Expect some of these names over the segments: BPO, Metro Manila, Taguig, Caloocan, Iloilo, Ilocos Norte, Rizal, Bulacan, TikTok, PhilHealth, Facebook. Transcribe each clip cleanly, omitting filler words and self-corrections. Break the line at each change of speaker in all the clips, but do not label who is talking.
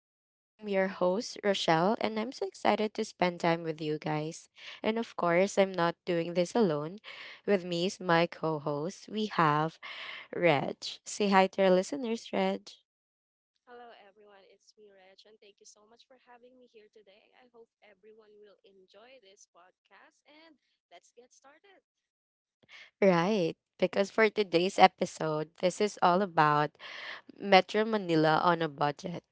talks. I'm your host, Rochelle, and I'm so excited to spend time with you guys. And of course, I'm not doing this alone. With me is my co host, we have Reg. Say hi to our listeners, Reg.
Hello, everyone. It's me, Reg, and thank you so much for having me here today. I hope everyone will enjoy this podcast, and let's get started.
Right, because for today's episode, this is all about Metro Manila on a budget,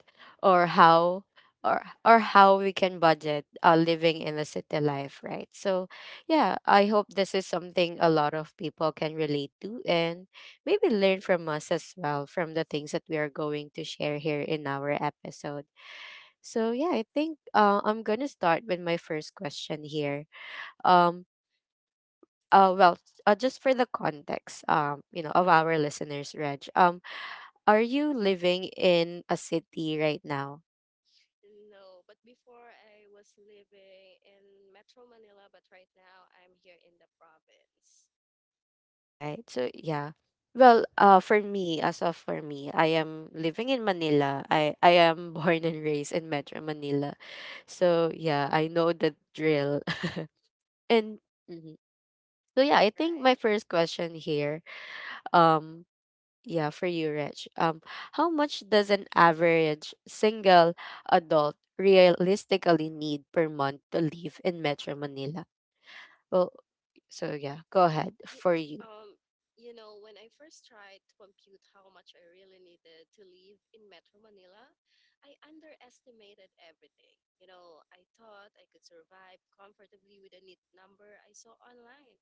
or how or how we can budget, living in the city life, right? So, yeah, I hope this is something a lot of people can relate to and maybe learn from us as well, from the things that we are going to share here in our episode. So, yeah, I think I'm going to start with my first question here. Um well, just for the context, of our listeners, Reg. Are you living in a city right now?
No, but before I was living in Metro Manila, but right now I'm here in the province.
Right. So yeah. Well, for me, I am living in Manila. I am born and raised in Metro Manila. So yeah, I know the drill. And mhm, so yeah, I think
Right.
my first question here, um yeah, for you, Rich. How much does an average single adult realistically need per month to live in Metro Manila? Well, so yeah, go ahead
Y-
for you.
um, when I first tried to compute how much I really needed to live in Metro Manila, I underestimated everything. I thought I could survive comfortably with a neat number I saw online.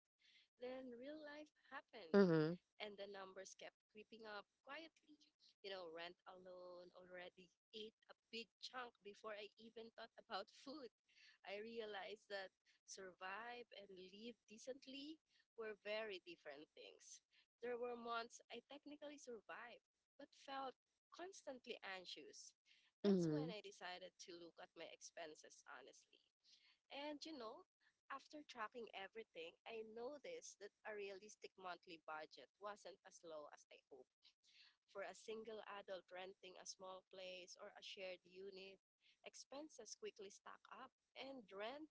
Then real life happened
Mhm.
and the numbers kept creeping up quietly. Rent alone already ate a big chunk before I even thought about food. I realized that survive and live decently were very different things. There were months I technically survived, but felt constantly anxious. That's when
Mhm.
I decided to look at my expenses honestly. And after tracking everything, I noticed that a realistic monthly budget wasn't as low as I hoped. For a single adult renting a small place or a shared unit, expenses quickly stack up, and rent,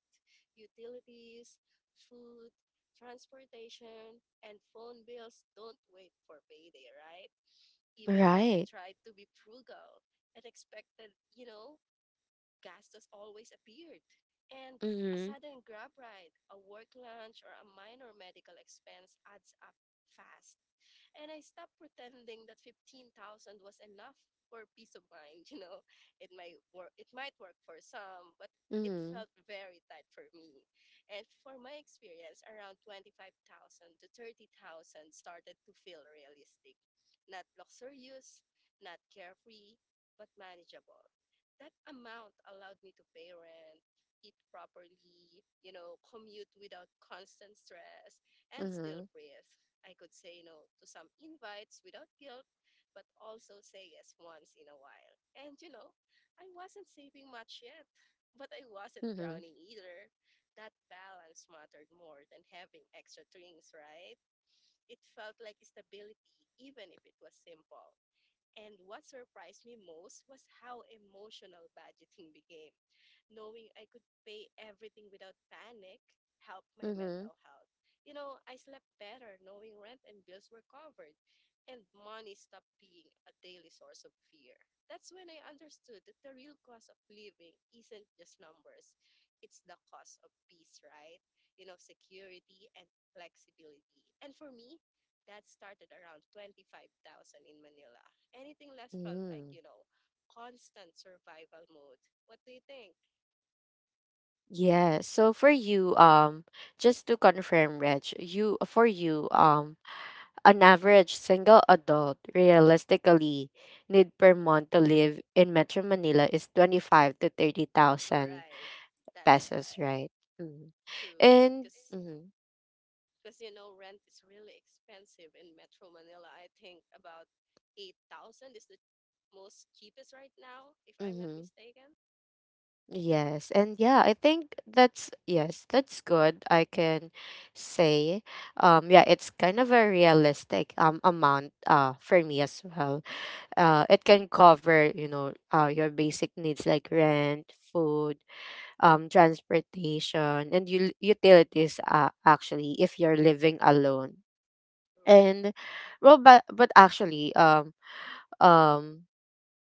utilities, food, transportation, and phone bills don't wait for payday, right? Even when I
Right.
tried to be frugal and expected, gastos always appeared, and a
Mhm.
sudden grab ride, a work lunch, or a minor medical expense adds up fast. And I stopped pretending that 15,000 was enough for peace of mind, you know. It might work for some, but it
Mhm.
felt very tight for me. And for my experience, around 25,000 to 30,000 started to feel realistic. Not luxurious, not carefree, but manageable that amount allowed me to pay rent, eat properly, commute without constant stress, and still
Mhm.
breathe. I could say no to some invites without guilt, but also say yes once in a while. And I wasn't saving much yet, but I wasn't
Mhm.
drowning either. That balance mattered more than having extra drinks, right? It felt like stability, even if it was simple. And what surprised me most was how emotional budgeting became. Knowing I could pay everything without panic helped my
Mhm.
mental health. I slept better knowing rent and bills were covered, and money stopped being a daily source of fear. That's when I understood that the real cost of living isn't just numbers, it's the cost of peace, right? Security and flexibility. And for me, that started around 25,000 in Manila. Anything less felt like,
Mhm.
you know, constant survival mode. What do you think?
Yeah. So for you, just to confirm, Reg, an average single adult realistically need per month to live in Metro Manila is 25 to 30,000
Right. That's
pesos,
right.
right? Mhm.
True.
And
Because
mhm.
because rent is really expensive in Metro Manila. I think about 8,000 is the most cheapest right now, if I'm not
Mhm.
mistaken.
Yes, and yeah, I think that's good. I can say, yeah, it's kind of a realistic amount, for me as well. It can cover, your basic needs, like rent, food, transportation, and utilities. Actually, if you're living alone, and
Right.
well, but actually, um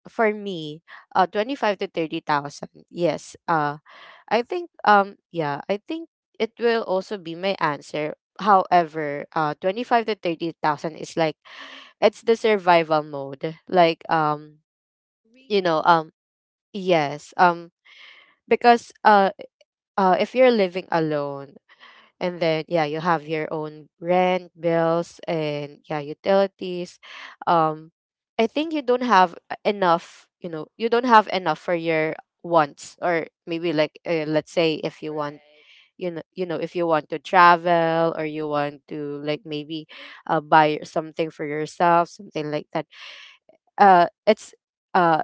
for me, 25 to 30,000. Yes. I think yeah, I think it will also be my answer. However, 25 to 30,000 is like it's the survival mode. Like, you know
Really?
um yes, because, if you're living alone, and then, yeah, you have your own rent, bills, and yeah, utilities, um I think you don't have enough for your wants, or maybe, like, let's say if you want,
Right.
if you want to travel, or you want to like maybe, buy something for yourself, something like that. uh it's uh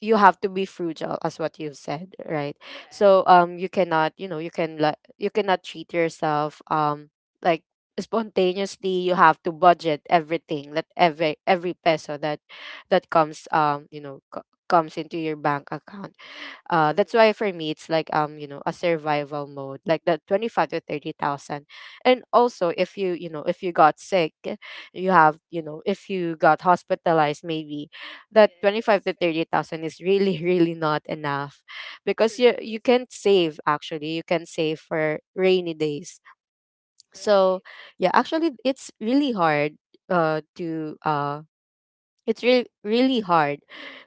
you have to be frugal, as what you've said, right?
Right.
So you cannot you know you can like you cannot treat yourself, like, spontaneously. You have to budget everything, that every peso that comes into your bank account. Uh, that's
True.
why for me it's like, a survival mode, like the 25 to 30,000. And also, if if you got sick, you have you know if you got hospitalized, maybe that 25 to
Yes.
30,000 is really really not enough, because
True.
you can save, actually, you can save for rainy days. So
Right.
yeah, actually, uh to uh it's really, really hard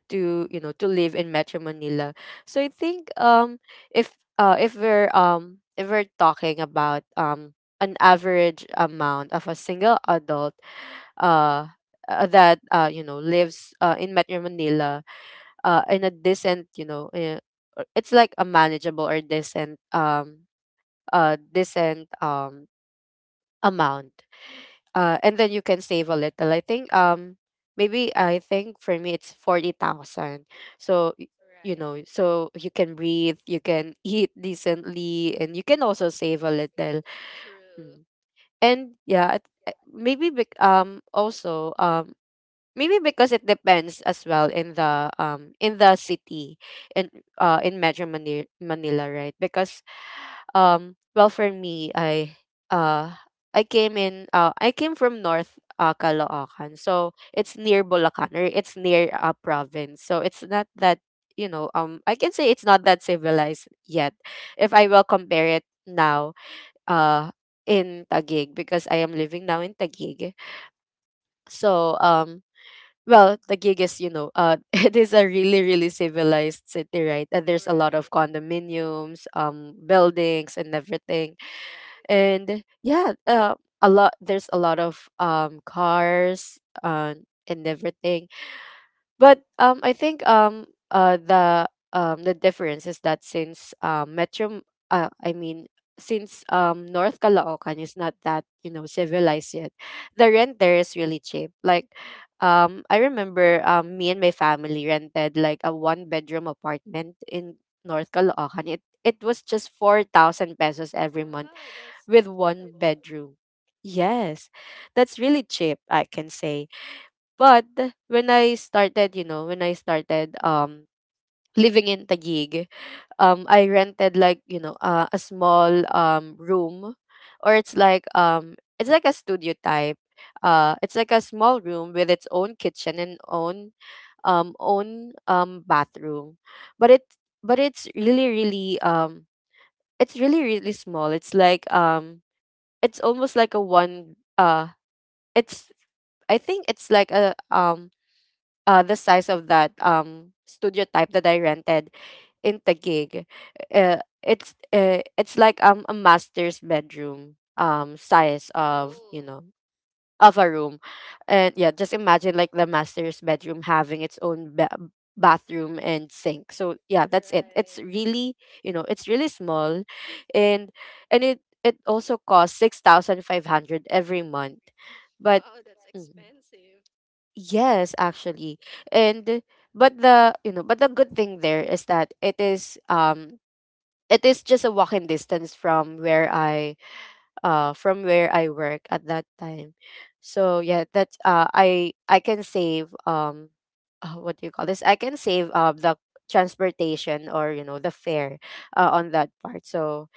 to you know to live in Metro Manila. So I think, if we're talking about, an average amount of a single adult, uh that, lives, in Metro Manila, in a decent, it's like a manageable or decent, amount, and then you can save a little. I think, maybe I think for me it's 40,000. So y- you
Right.
know, so you can breathe, you can eat decently, and you can also save a little.
True.
Mm. And yeah, maybe because it depends as well in the, city, in in Metro Manila, Manila, right? Because, well, for me, uh I came from North, Caloocan, so it's near Bulacan or it's near a, province, so it's not that, I can say it's not that civilized yet, if I will compare it now, uh in Taguig, because I am living now in Taguig. So, well, Taguig is, it is a really, really civilized city, right? And there's a lot
Right.
of condominiums, buildings, and everything.
Right.
And yeah, a lot. There's a lot of cars, and everything. But, I think, uh, the the difference is that, since Metro, I mean, since North Caloocan is not that, civilized yet, the rent there is really cheap. Like, I remember, me and my family rented like a one bedroom apartment in North Caloocan. It was just 4,000 pesos every month,
Wow, that's
with one
affordable.
bedroom. Yes, that's really cheap, I can say. But when I started, living in Taguig, I rented like, a small room, or it's like a studio type. It's like a small room with its own kitchen and own bathroom. But it but it's really, really small. It's almost like a, one it's I think it's like a the size of that studio type that I rented in Taguig. It's a master's bedroom, size of,
Oh.
a room, and yeah, just imagine like the master's bedroom having its own bathroom and sink. So yeah, that's it. It's
Right.
really you know it's really small, and and it also costs 6,500 every month, but.
Wow, that's
Mm-hmm.
expensive.
Yes, actually. And but the you know, but the good thing there is that it is just a walking distance from where I work at that time. So yeah, that's, I can save, what do you call this? I can save, the transportation, or the fare, on that part. So,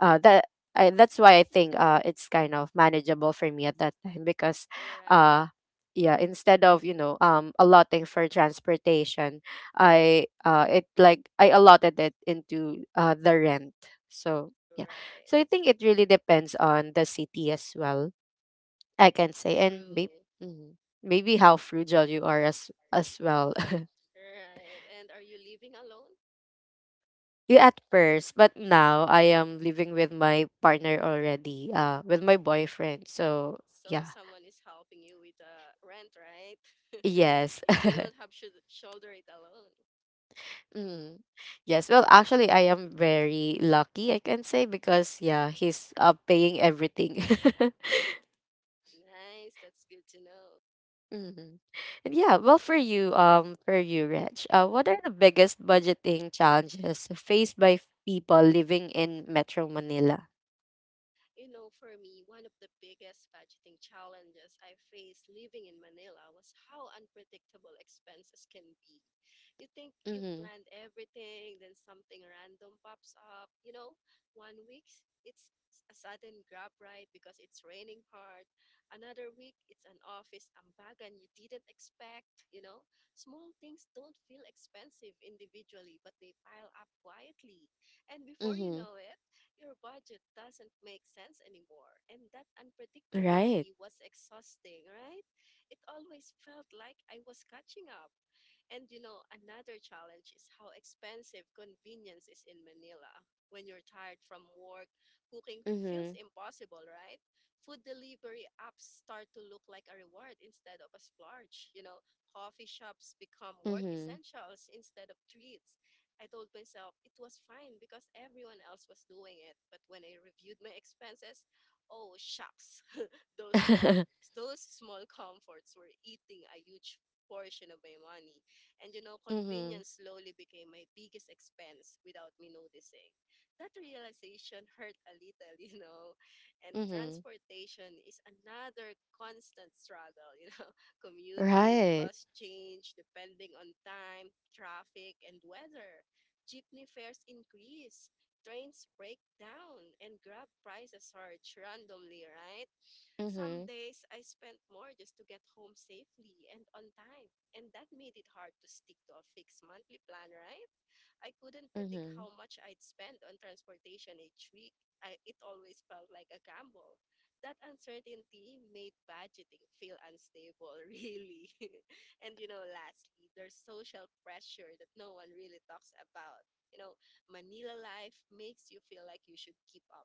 uh, that that's why I think, it's kind of manageable for me at that time, because,
Right.
uh, yeah, instead of, allotting for transportation, I allotted it into the rent. So yeah,
Right.
so I think it really depends on the city as well. I can say, and maybe,
True.
how frugal you are, as well.
Right. And are you living alone?
Yeah, at first, but now I am living with my partner already, with my boyfriend. So
So
yeah,
someone is helping you with the rent, right?
yes.
You don't have shoulder it alone.
Mm. Yes. Well, actually, I am very lucky, I can say, because yeah, he's paying everything.
Nice. That's good to know.
hmm And yeah, well, for you, Reg, what are the biggest budgeting challenges faced by people living in Metro Manila?
For me, one of the biggest budgeting challenges I faced living in Manila was how unpredictable expenses can be. You think you
Mm-hmm.
planned everything, then something random pops up. One week it's a sudden grab ride because it's raining hard. Another week it's an office ambagan you didn't expect. Small things don't feel expensive individually, but they pile up quietly. And before you
Mm-hmm.
know it, your budget doesn't make sense anymore. And that
Right.
unpredictability was exhausting, right? It always felt like I was catching up, and another challenge is how expensive convenience is in Manila. When you're tired from work, cooking feels
Mm-hmm.
impossible, right? Food delivery apps start to look like a reward instead of a splurge. Coffee shops become work
Mm-hmm.
essentials instead of treats. I told myself it was fine because everyone else was doing it. But when I reviewed my expenses, oh, shucks. Those small those small comforts were eating a huge portion of my money. And
Mm-hmm.
convenience slowly became my biggest expense without me noticing. That realization hurt a little, you know. And
Mm-hmm.
transportation is another constant struggle. Commuting,
Right.
cost change, depending on time, traffic, and weather. Jeepney fares increase, trains break down, and grab prices surge randomly, right? Some
Mm-hmm.
days I spent more just to get home safely and on time. And that made it hard to stick to a fixed monthly plan, right? I couldn't predict
Mm-hmm.
how much I'd spend on transportation each week. It always felt like a gamble. That uncertainty made budgeting feel unstable, really. And lastly, there's social pressure that no one really talks about. You know, Manila life makes you feel like you should keep up.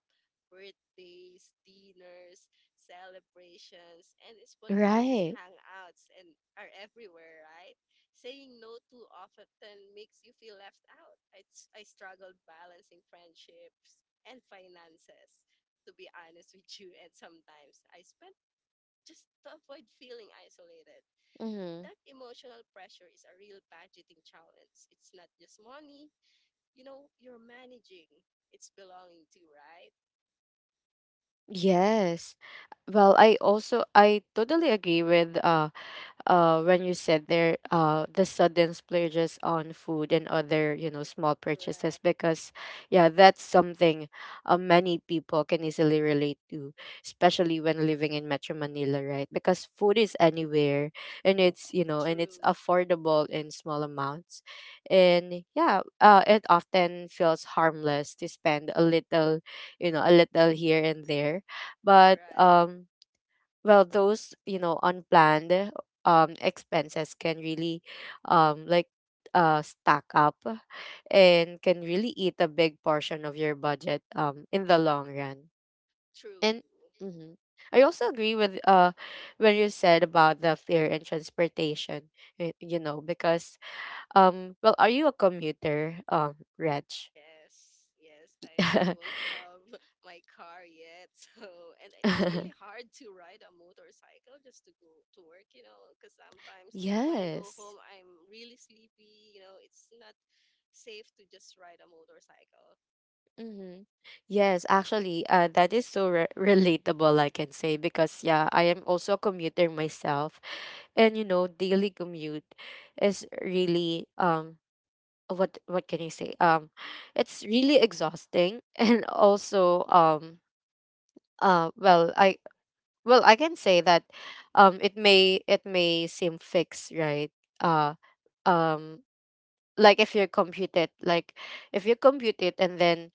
Birthdays, dinners, celebrations, and spontaneous
Right.
hangouts and are everywhere, right? Saying no too often makes you feel left out. I struggled balancing friendships and finances, to be honest with you. And sometimes I spent just to avoid feeling isolated.
Mm-hmm.
That emotional pressure is a real budgeting challenge. It's not just money, you're managing, it's belonging to, right?
Yes. Well, I totally agree with, when you said there, the sudden splurges on food and other, small
Right.
purchases, because yeah, that's something, many people can easily relate to, especially when living in Metro Manila, right, because food is anywhere, and it's
True.
affordable in small amounts, and yeah, it often feels harmless to spend a little, a little here and there. But,
Right.
well, those, unplanned, expenses can really, um like stack up, and can really eat a big portion of your budget, in the long run.
True.
And mhm. I also agree with, when you said about the fare and transportation, because, well, are you a commuter, Reg?
Yes, yes, I don't have my car yet. So, it's really hard to ride a motorcycle just to go to work, because sometimes when I go home,
Yes.
I'm really sleepy, it's not safe to just ride a motorcycle.
Mm-hmm. Yes, actually, that is so relatable, I can say, because yeah, I am also a commuter myself, and you know, daily commute is really, what can you say? It's really exhausting, and also, well, I can say that, it may seem fixed, right? Uh um like if you compute it, like if you compute it and then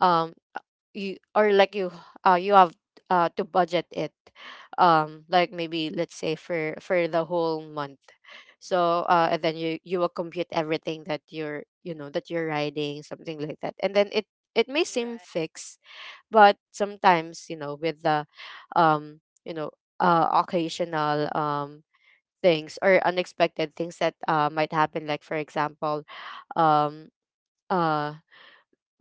um uh, you or like you you have to budget it, like maybe let's say for the whole month. So and then you will compute everything that you know that you're riding, something like that, and then it may
Right,
seem fixed. But sometimes, you know, with the, um you know occasional things or unexpected things that might happen, like for example, um uh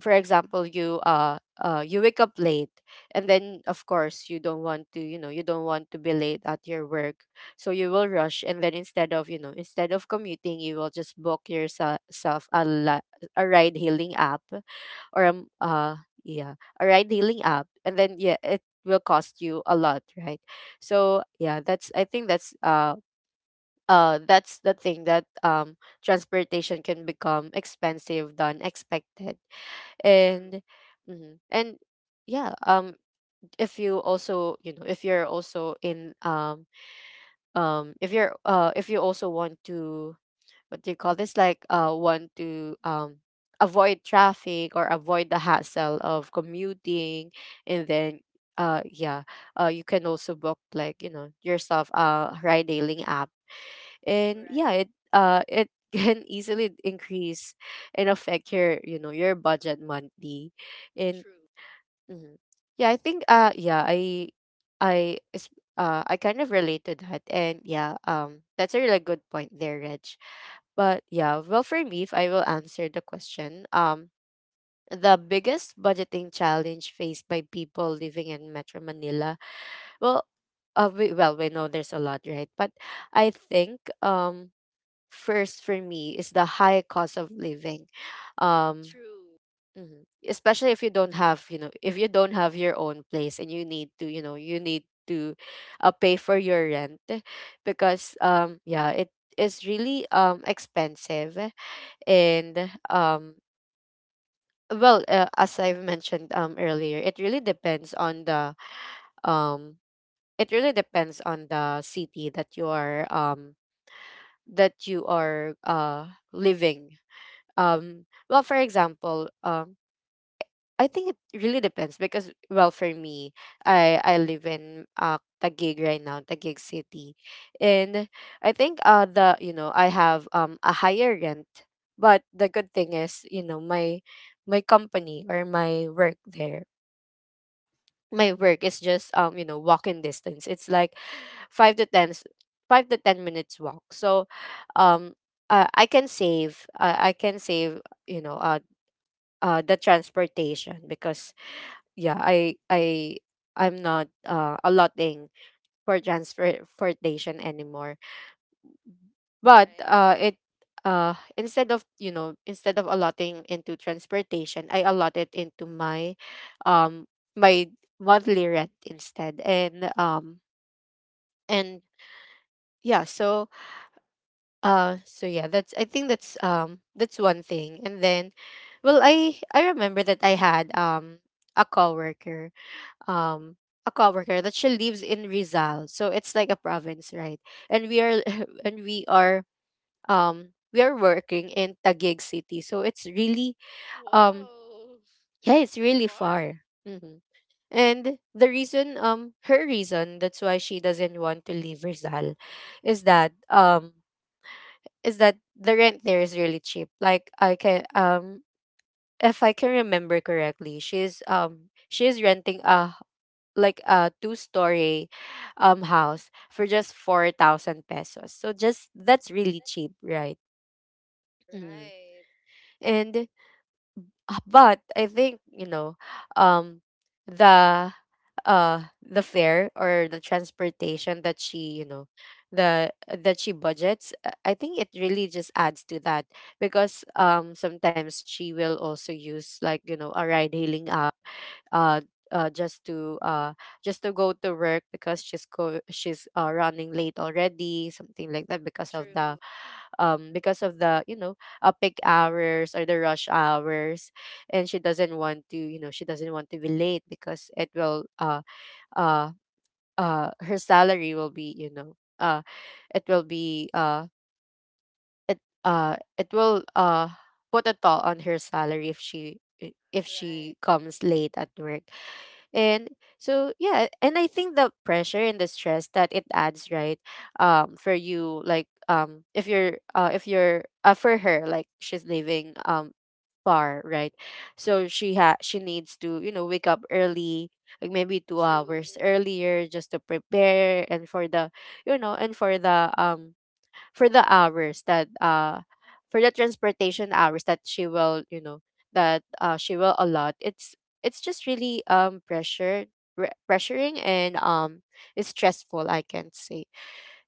for example, you you wake up late, and then of course you don't want to, you don't want to be late at your work. So you will rush, and then instead of, instead of commuting, you will just book yourself a a ride hailing app, or yeah, a ride hailing app, and then yeah, it will cost you a lot, right? So yeah, that's, I think that's the thing, that transportation can become expensive than expected.
true,
And mhm. And yeah, if you also, you know, if you're also in, if you're if you also want to, what do you call this, like want to, avoid traffic or avoid the hassle of commuting, and then yeah, you can also book, like, you know, yourself a ride hailing app, and
right,
yeah, it can easily increase and affect your, you know, your budget monthly. And
true,
mhm. Yeah, I think yeah, I is- I kind of relate to that. And yeah, that's a really good point there, Reg. But yeah, well for me, if I will answer the question, the biggest budgeting challenge faced by people living in Metro Manila, well well we know there's a lot, right? But I think, first for me is the high cost of living. Um
true,
Mhm. Especially if you don't have, you know, if you don't have your own place and you need to, you know, you need to pay for your rent, because yeah, it is really expensive. And um well as I've mentioned earlier, it really depends on the, um it really depends on the city that you are, that you are living. Well for example, I think it really depends, because well for me, I live in Taguig right now, Taguig City. And I think the, you know, I have a higher rent, but the good thing is, you know, my company, or my work there, my work is just, you know, walking distance, it's like five to ten s- 5 to 10 minutes walk. So um I can save I can save, you know the transportation, because yeah I'm not allotting for transportation anymore. But
right.
it instead of, you know, instead of allotting into transportation, I allot it into my, um my monthly rent instead. And and yeah. So so yeah, that's, I think that's one thing. And then, well I remember that I had a coworker, um a coworker that she lives in Rizal. So it's like a province, right? And we are and we are, we are working in Taguig City. So it's really, um
Whoa,
yeah,
that's
it's
too
really
far.
far. Hmm. And the reason, her reason that's why she doesn't want to leave Rizal is that, is that the rent there is really cheap. Like I can, if I can remember correctly, she's, she's renting a, like a two story, house for just 4,000 pesos, so just that's really cheap, right? Mhm.
Right,
And but I think, you know, um the the fare or the transportation that she, you know, the that she budgets, I think it really just adds to that, because sometimes she will also use like, you know, a ride hailing app, uh, uh just to uh just to go to work, because she's running late already, something like that, because of
true,
the, because of the, you know, peak hours or the rush hours. And she doesn't want to, you know, she doesn't want to be late, because it will uh her salary will be, you know, uh it will be uh it will put a toll on her salary if she if
right,
she comes late at work. And so yeah, and I think the pressure and the stress that it adds, right? For you, like if you're for her, like she's living, far, right? So she needs to, you know, wake up early, like maybe two
true,
hours earlier, just to prepare, and for the, you know, and for the, for the hours that for the transportation hours that she will, you know, that she will allot. It's just really, pressuring, and it's stressful, I can't say.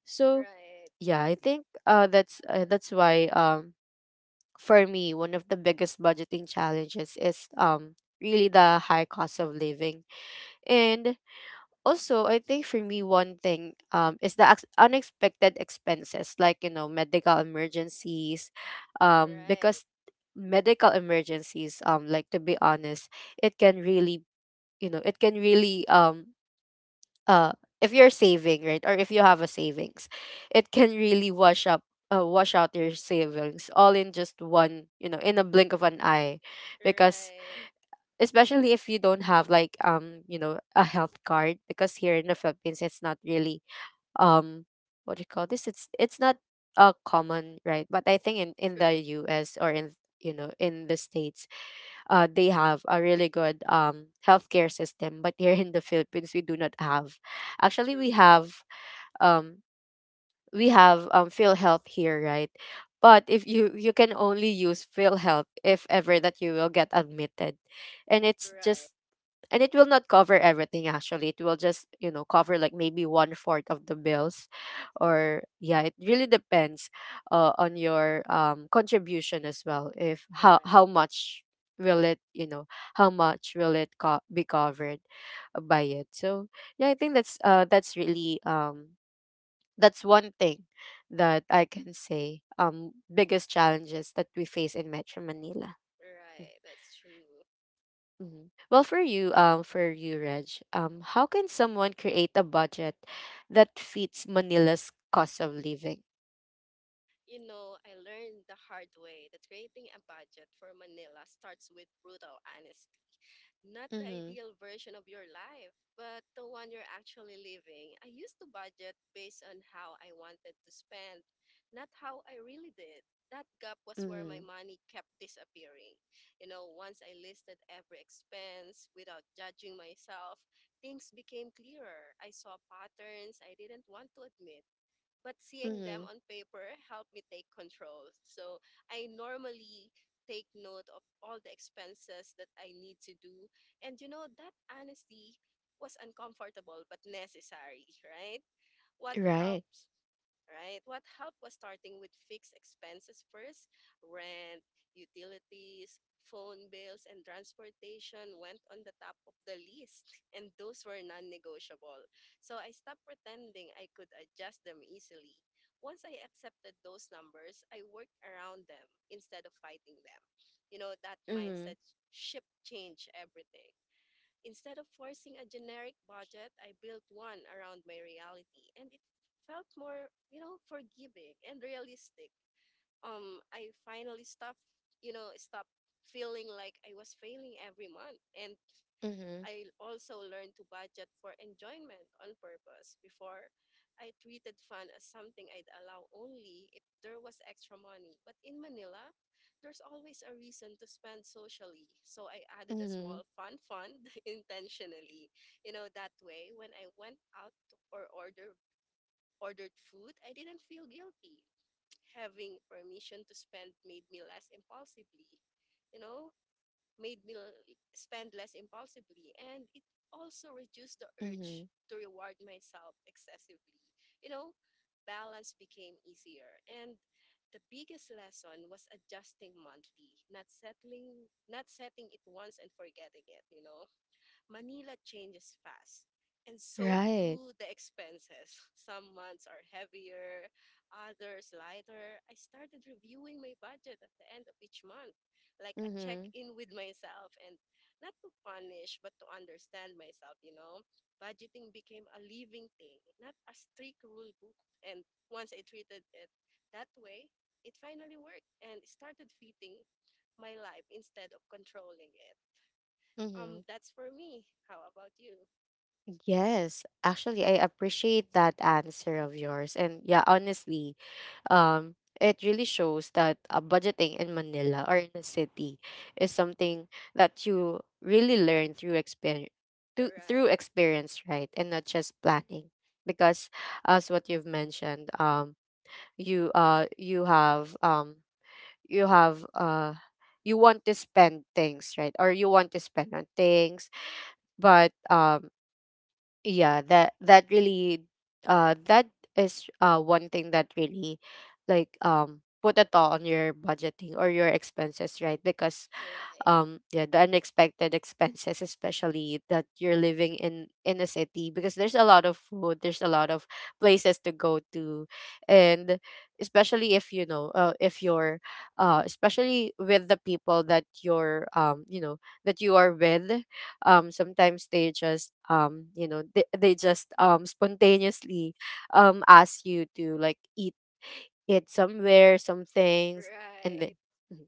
So
right,
yeah, I think that's why for me, one of the biggest budgeting challenges is really the high cost of living. And also I think for me, one thing is the unexpected expenses, like you know, medical emergencies,
right,
because medical emergencies, like to be honest, it can really, you know, it can really, uh if you're saving, right, or if you have a savings, it can really wash up, wash out your savings, all in just one, you know, in a blink of an eye. Because
right.
especially if you don't have, like, you know, a health card, because here in the Philippines it's not really, um what do you call this, it's not common, right? But I think in,
True,
the US, or in, you know, in the states, they have a really good, healthcare system. But here in the Philippines, we do not have, actually
true.
we have, um we have, PhilHealth here, right? But if you, you can only use PhilHealth if ever that you will get admitted. And it's
Right,
just, and it will not cover everything, actually it will just, you know, cover like maybe one fourth of the bills, or yeah, it really depends on your contribution as well, if how,
right,
how much will it, you know, how much will it be covered by it. So yeah, I think that's really that's one thing that I can say, biggest challenges that we face in Metro Manila.
right. That's true.
Mhm. Well, for you, Reg, how can someone create a budget that fits Manila's cost of living?
I learned the hard way that creating a budget for Manila starts with brutal honesty. Not the
Mm-hmm.
ideal version of your life, but the one you're actually living. I used to budget based on how I wanted to spend, not how I really did. That gap was where my
Mm-hmm.
money kept disappearing. Once I listed every expense without judging myself, things became clearer. I saw patterns I didn't want to admit but seeing them on
Mm-hmm.
paper helped me take control. So I normally take note of all the expenses that I need to do. And that honesty was uncomfortable but necessary, right? What
Right.
helps right? What helped was starting with fixed expenses first. Rent, utilities, phone bills, and transportation went on the top of the list, and those were non negotiable. So I stopped pretending I could adjust them easily. Once I accepted those numbers, I worked around them instead of fighting them. That mindset
Mm-hmm.
shift changed everything. Instead of forcing a generic budget, I built one around my reality, and it felt more, forgiving and realistic. I finally stopped feeling like I was failing every month, and
Mm-hmm.
I also learned to budget for enjoyment on purpose. Before, I treated fun as something I'd allow only if there was extra money. But in Manila, there's always a reason to spend socially. So I added a small
Mm-hmm.
fun fund intentionally. That way when I went out or ordered food, I didn't feel guilty. Having permission to spend made me less impulsively. You know, made me spend less impulsively and it also reduced the urge
Mm-hmm.
to reward myself excessively you know Balance became easier and the biggest lesson was adjusting monthly not settling not setting it once and forgetting it. Manila changes fast, and so do
Right.
the expenses. Some months are heavier, others lighter. I started reviewing my budget at the end of each month, like a check
Mm-hmm.
in with myself, and not to punish, but to understand myself. Budgeting became a living thing, not a strict rule book. And once I treated it that way, it finally worked and started fitting my life instead of controlling it.
Mm-hmm.
That's for me. How about you?
Yes, actually, I appreciate that answer of yours. And yeah, honestly, um, it really shows that budgeting in Manila, or in a city, is something that you really learn through experience,
Right,
through experience, right? And not just planning, because as what you've mentioned, you you have you have you want to spend things, right? Or you want to spend on things, but yeah, that really that is one thing that really, like, put a toll on your budgeting or your expenses, right? Because
right, right,
yeah, the unexpected expenses, especially that you're living in, a city, because there's a lot of food, there's a lot of places to go to. And especially if you know if you're especially with the people that you're, you know, that you are with, sometimes they just, you know, they just, spontaneously ask you to like eat it somewhere, some things,
right,
and then mm-hmm.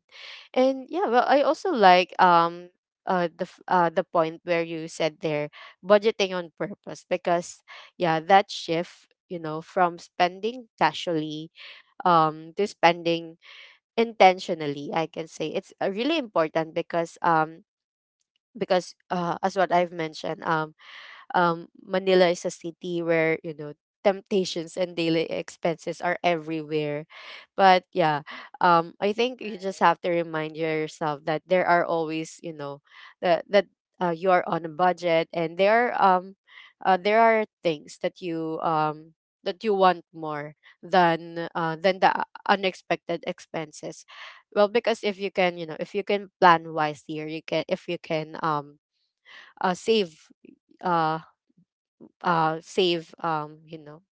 And yeah, well, I also like the point where you said there, budgeting on purpose, because yeah, that shift, you know, from spending casually, to spending intentionally, I can say it's really important, because uh, as what I've mentioned Manila is a city where you know, temptations and daily expenses are everywhere. But yeah, I think you
right,
just have to remind yourself that there are always that you are on a budget, and there are things that you that you want more than the unexpected expenses. Well, because if you can, if you can plan wisely, or you can, if you can save, uh save,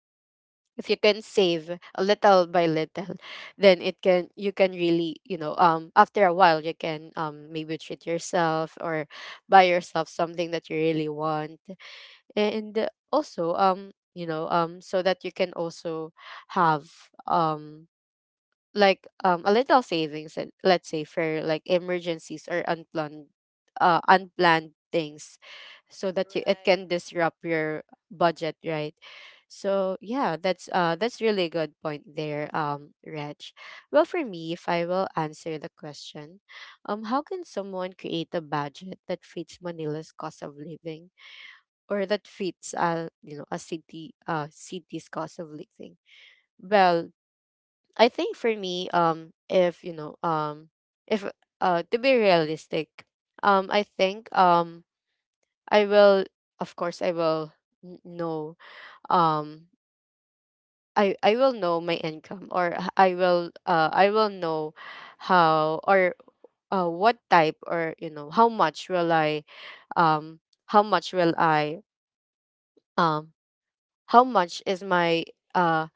if you can save a little by little then it can, you can really, after a while, you can, um, maybe treat yourself or buy yourself something that you really want. And also, so that you can also have, um, like, um, a little savings, and let's say for like emergencies or unplanned, unplanned things, so that you,
right,
it can disrupt your budget, right? So yeah, that's that's really good point there, um, Reg. Well, for me, if I will answer the question, um, how can someone create a budget that fits Manila's cost of living, or that fits, a city, city's cost of living? Well, I think for me, if you know, if, to be realistic, I think, I will, of course, I will n- know, um, I will know my income, or h- I will know how, or what type, or you know how much will I, um, how much will I, um, how much is my uh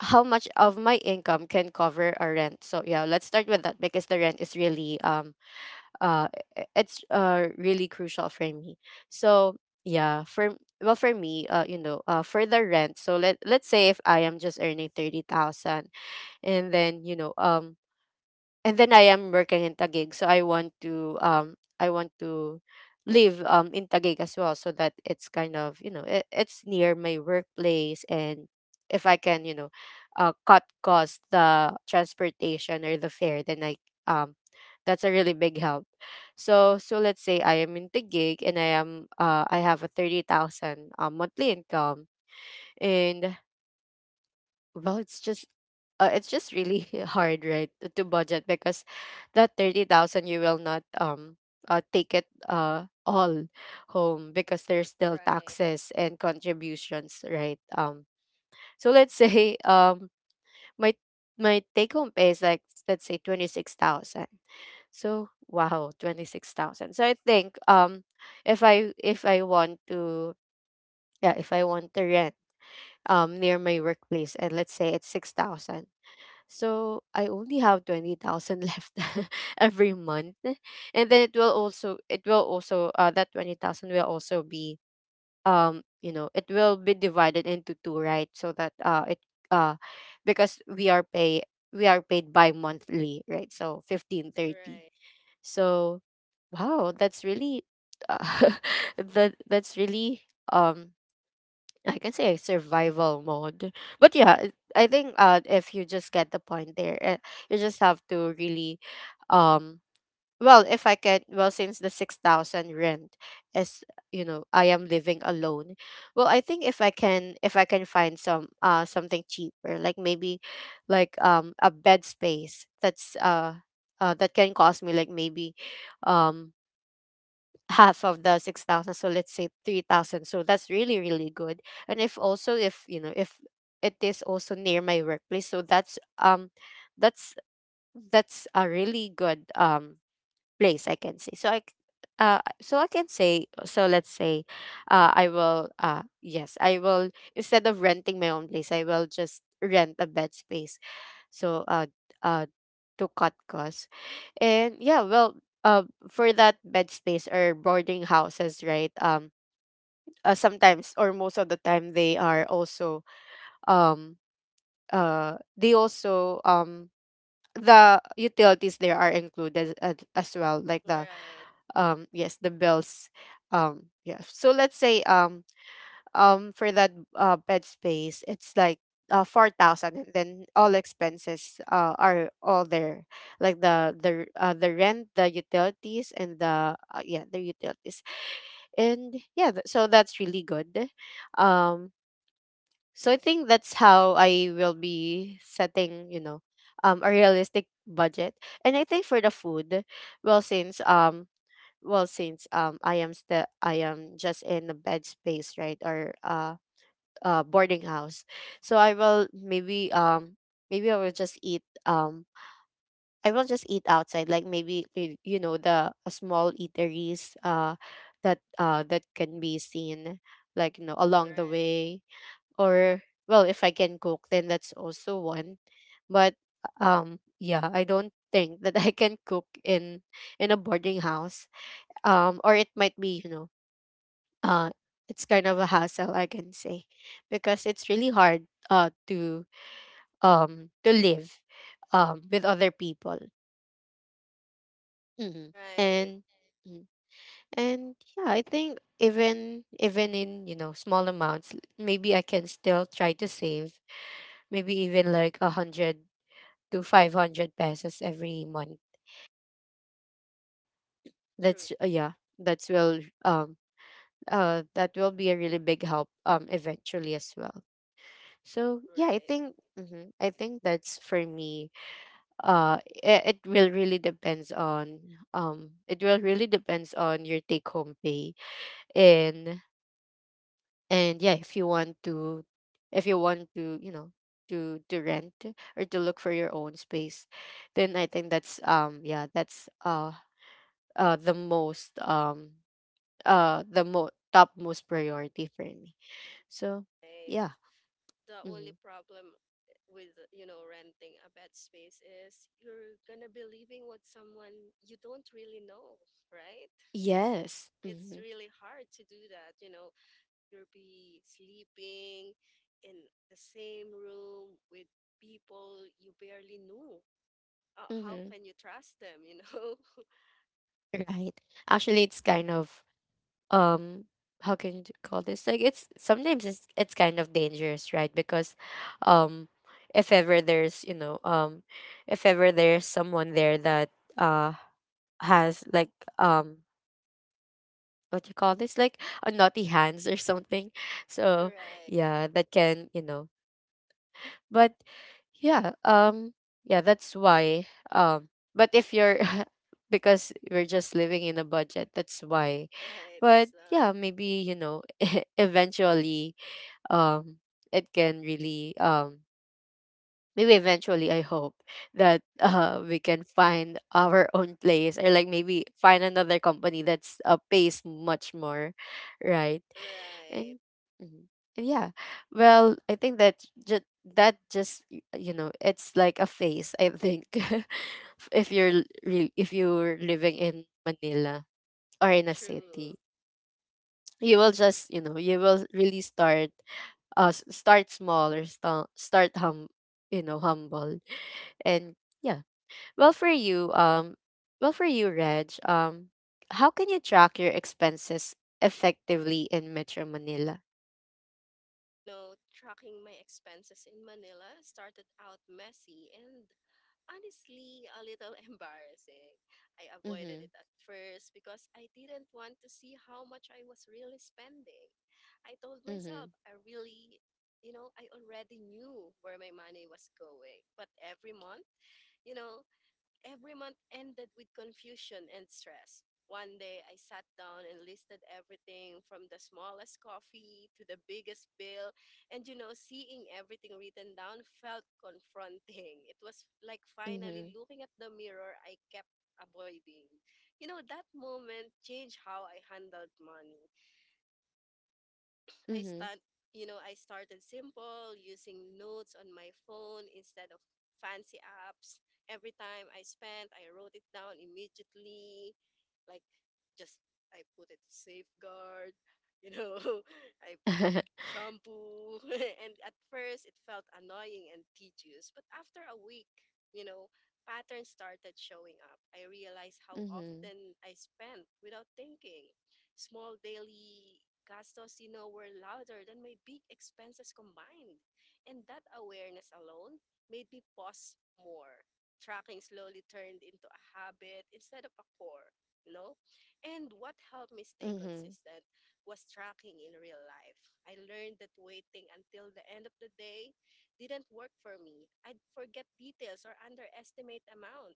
how much of my income can cover a rent. So yeah, let's start with that, because the rent is really, um uh I- it's really crucial for me. So yeah, for, well, for me, for the rent, so let, let's say if I am just earning 30,000, and then, and then I am working in Taguig, so I want to, I want to live, um, in Taguig as well, so that it's kind of, it, it's near my workplace. And if I can, cut cost the transportation or the fare, then I, um, that's a really big help. So, so let's say I am in Taguig, and I am, I have a 30,000, um, monthly income, and, well, it's just, it's just really hard, right, to budget, because that 30,000, you will not, take it all home, because there's still
right,
taxes and contributions, right? Um, so let's say, um, my my take home pay is like, let's say, 26,000. So wow, 26,000. So I think, um, if I, if I want to, yeah, if I want to rent, um, near my workplace, and let's say it's 6,000, so I only have 20,000 left every month. And then it will also, it will also, that 20,000 will also be, um, it will be divided into two, right? So that it uh because we are paid by monthly, right? So
right,
fifteen
right,
thirty So wow, that's really, uh, that's really, um, I can say survival mode. But yeah, it- I think, if you just get the point there, you just have to really, um, well, if I can, well, since the 6,000 rent is, you know, I am living alone. Well, I think if I can, if I can find some, something cheaper, like maybe, like, um, a bed space that's that can cost me like maybe, um, half of the 6,000, so let's say 3,000, so that's really, really good. And if also, if you know if it is also near my workplace, so that's, um, that's that's a really good, um, place, I can say. So I c-, so I can say, so let's say, I will, yes, I will, instead of renting my own place, I will just rent a bed space, so uh uh to cut costs. And yeah, well, for that bed space or boarding houses, right? Sometimes, or most of the time, they are also, um they also, um, the utilities there are included as well, like the, um, yes, the bills, um, yeah, so let's say, um, for that bed space it's like 4,000, and then all expenses are all there, like the rent, the utilities, and the, yeah, the utilities. And yeah, th- so that's really good, um, so I think that's how I will be setting, you know, um, a realistic budget. And I think for the food, well since um well, since, um, I am still, I am just in the bed space, right? Or boarding house. So I will maybe, um, maybe I will just eat, um, I will just eat outside, like maybe, y- you know, the, small eateries that that can be seen, like, you know, along the way. Or, well, if I can cook, then that's also one, but, um, yeah, I don't think that I can cook in a boarding house, um, or it might be, you know, uh, it's kind of a hassle, I can say, because it's really hard, to, to live, with other people. Mhm.
right.
And mm, and yeah, I think, even, even in, you know, small amounts, l- maybe I can still try to save, maybe even like 100 to 500 pesos every month.
True.
That's, yeah, that's will um that will be a really big help, um, eventually as well. So
Right,
yeah, I think, mhm, I think that's for me. It, it will really depends on, it will really depends on your take home pay. and and yeah, if you want to, if you want to, you know, to rent, or to look for your own space, then I think that's, um, yeah, that's the most, the mo top most priority for me. So
right.
yeah,
The only
hmm,
problem with renting a bed space is you're gonna be living with someone you don't really know, right?
yes.
It's
Hmm.
really hard to do that, you know. You'll be sleeping in the same room with people you barely knew. How can you
Hmm.
trust them, you know?
Right. Actually, it's kind of, um, how can you call this? Like, it's sometimes, it's kind of dangerous, right? Because, um, if ever there's, you know, um, if ever there's someone there that, uh has like, um, what you call this? Like a naughty hands or something. So
Right,
yeah, that can, you know. But yeah, um, yeah, that's why, um, but if you're because we're just living in a budget, that's why.
right. That's
But
uh,
yeah, maybe, you know, eventually, um, it can really, maybe eventually, I hope that we can find our own place, or like maybe find another company that's pays much more, right?
right.
And mhm. And yeah, well, I think that just, that just, y- you know, it's like a phase, I think. If you're l- re- if you're living in Manila or in a
True.
city, you will just, you know, you will really start, s- start small, or sta- start hum, you know, humble. And yeah, well, for you, um, well, for you, Reg, um, how can you track your expenses effectively in Metro Manila?
Tracking my expenses in Manila started out messy and honestly a little embarrassing. I avoided it at
Mhm.
first because I didn't want to see how much I was really spending. I told myself I
Mhm.
really, you know, I already knew where my money was going. But every month, you know, Every month ended with confusion and stress. One day, I sat down and listed everything from the smallest coffee to the biggest bill. And seeing everything written down felt confronting. It was like finally
Mhm.
looking at the mirror I kept avoiding. That moment changed how I handled money. I stand,
Mhm.
you know, I started simple using notes on my phone instead of fancy apps. Every time I spent, I wrote it down immediately. Like, just, I put it safeguard, you know, I put shampoo, and at first it felt annoying and tedious, but after a week, you know, patterns started showing up. I realized how often
Mhm.
I spent without thinking. Small daily gastos, were louder than my big expenses combined. And that awareness alone made me pause more. Tracking slowly turned into a habit instead of a core, you know? And what helped me stay consistent
Mhm.
was tracking in real life. I learned that waiting until the end of the day didn't work for me. I'd forget details or underestimate amounts.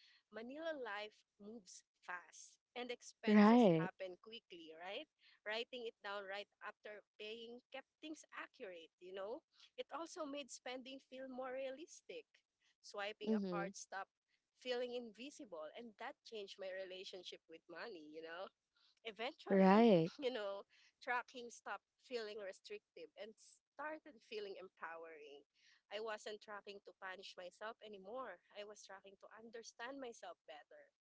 Manila life moves fast and expenses happen
Right.
quickly, right? Writing it down right after paying kept things accurate, you know? It also made spending feel more realistic. Swiping a card
Mhm.
stopped feeling invisible, and that changed my relationship with money, you know? Eventually, you
Right.
know, tracking stopped feeling restrictive and started feeling empowering. I wasn't tracking to punish myself anymore. I was tracking to understand myself better.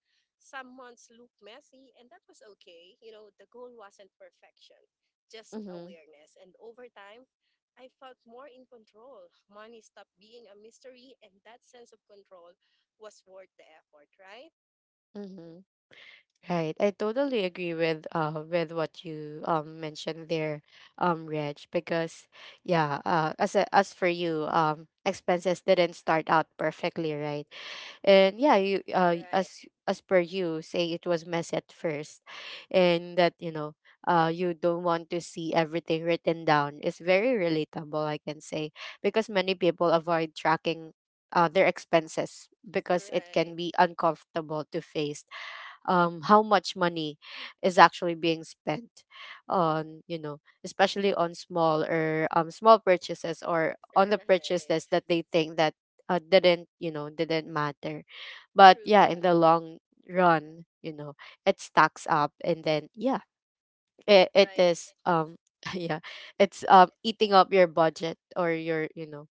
Some months looked messy, and that was okay. The goal wasn't perfection, just
Mhm.
awareness. And over time, I felt more in control. Money stopped being a mystery, and that sense of control was worth the effort, right?
Mhm. Right. I totally agree with what you, um, mentioned there, Reg, because yeah, as a, as for you, um, expenses didn't start out perfectly, right? And yeah, you
Right,
as per you say, it was messy at first. And that, you know, you don't want to see everything written down. It's very relatable, I can say, because many people avoid tracking, their expenses, because
right.
it can be uncomfortable to face, how much money is actually being spent on, you know, especially on small or, small purchases, or on the
Right.
purchases that they think that, didn't, you know, didn't matter. But
True.
yeah, in the long run, you know, it stacks up, and then yeah, it,
Right.
it is, um, yeah, it's, um, eating up your budget, or your, you know.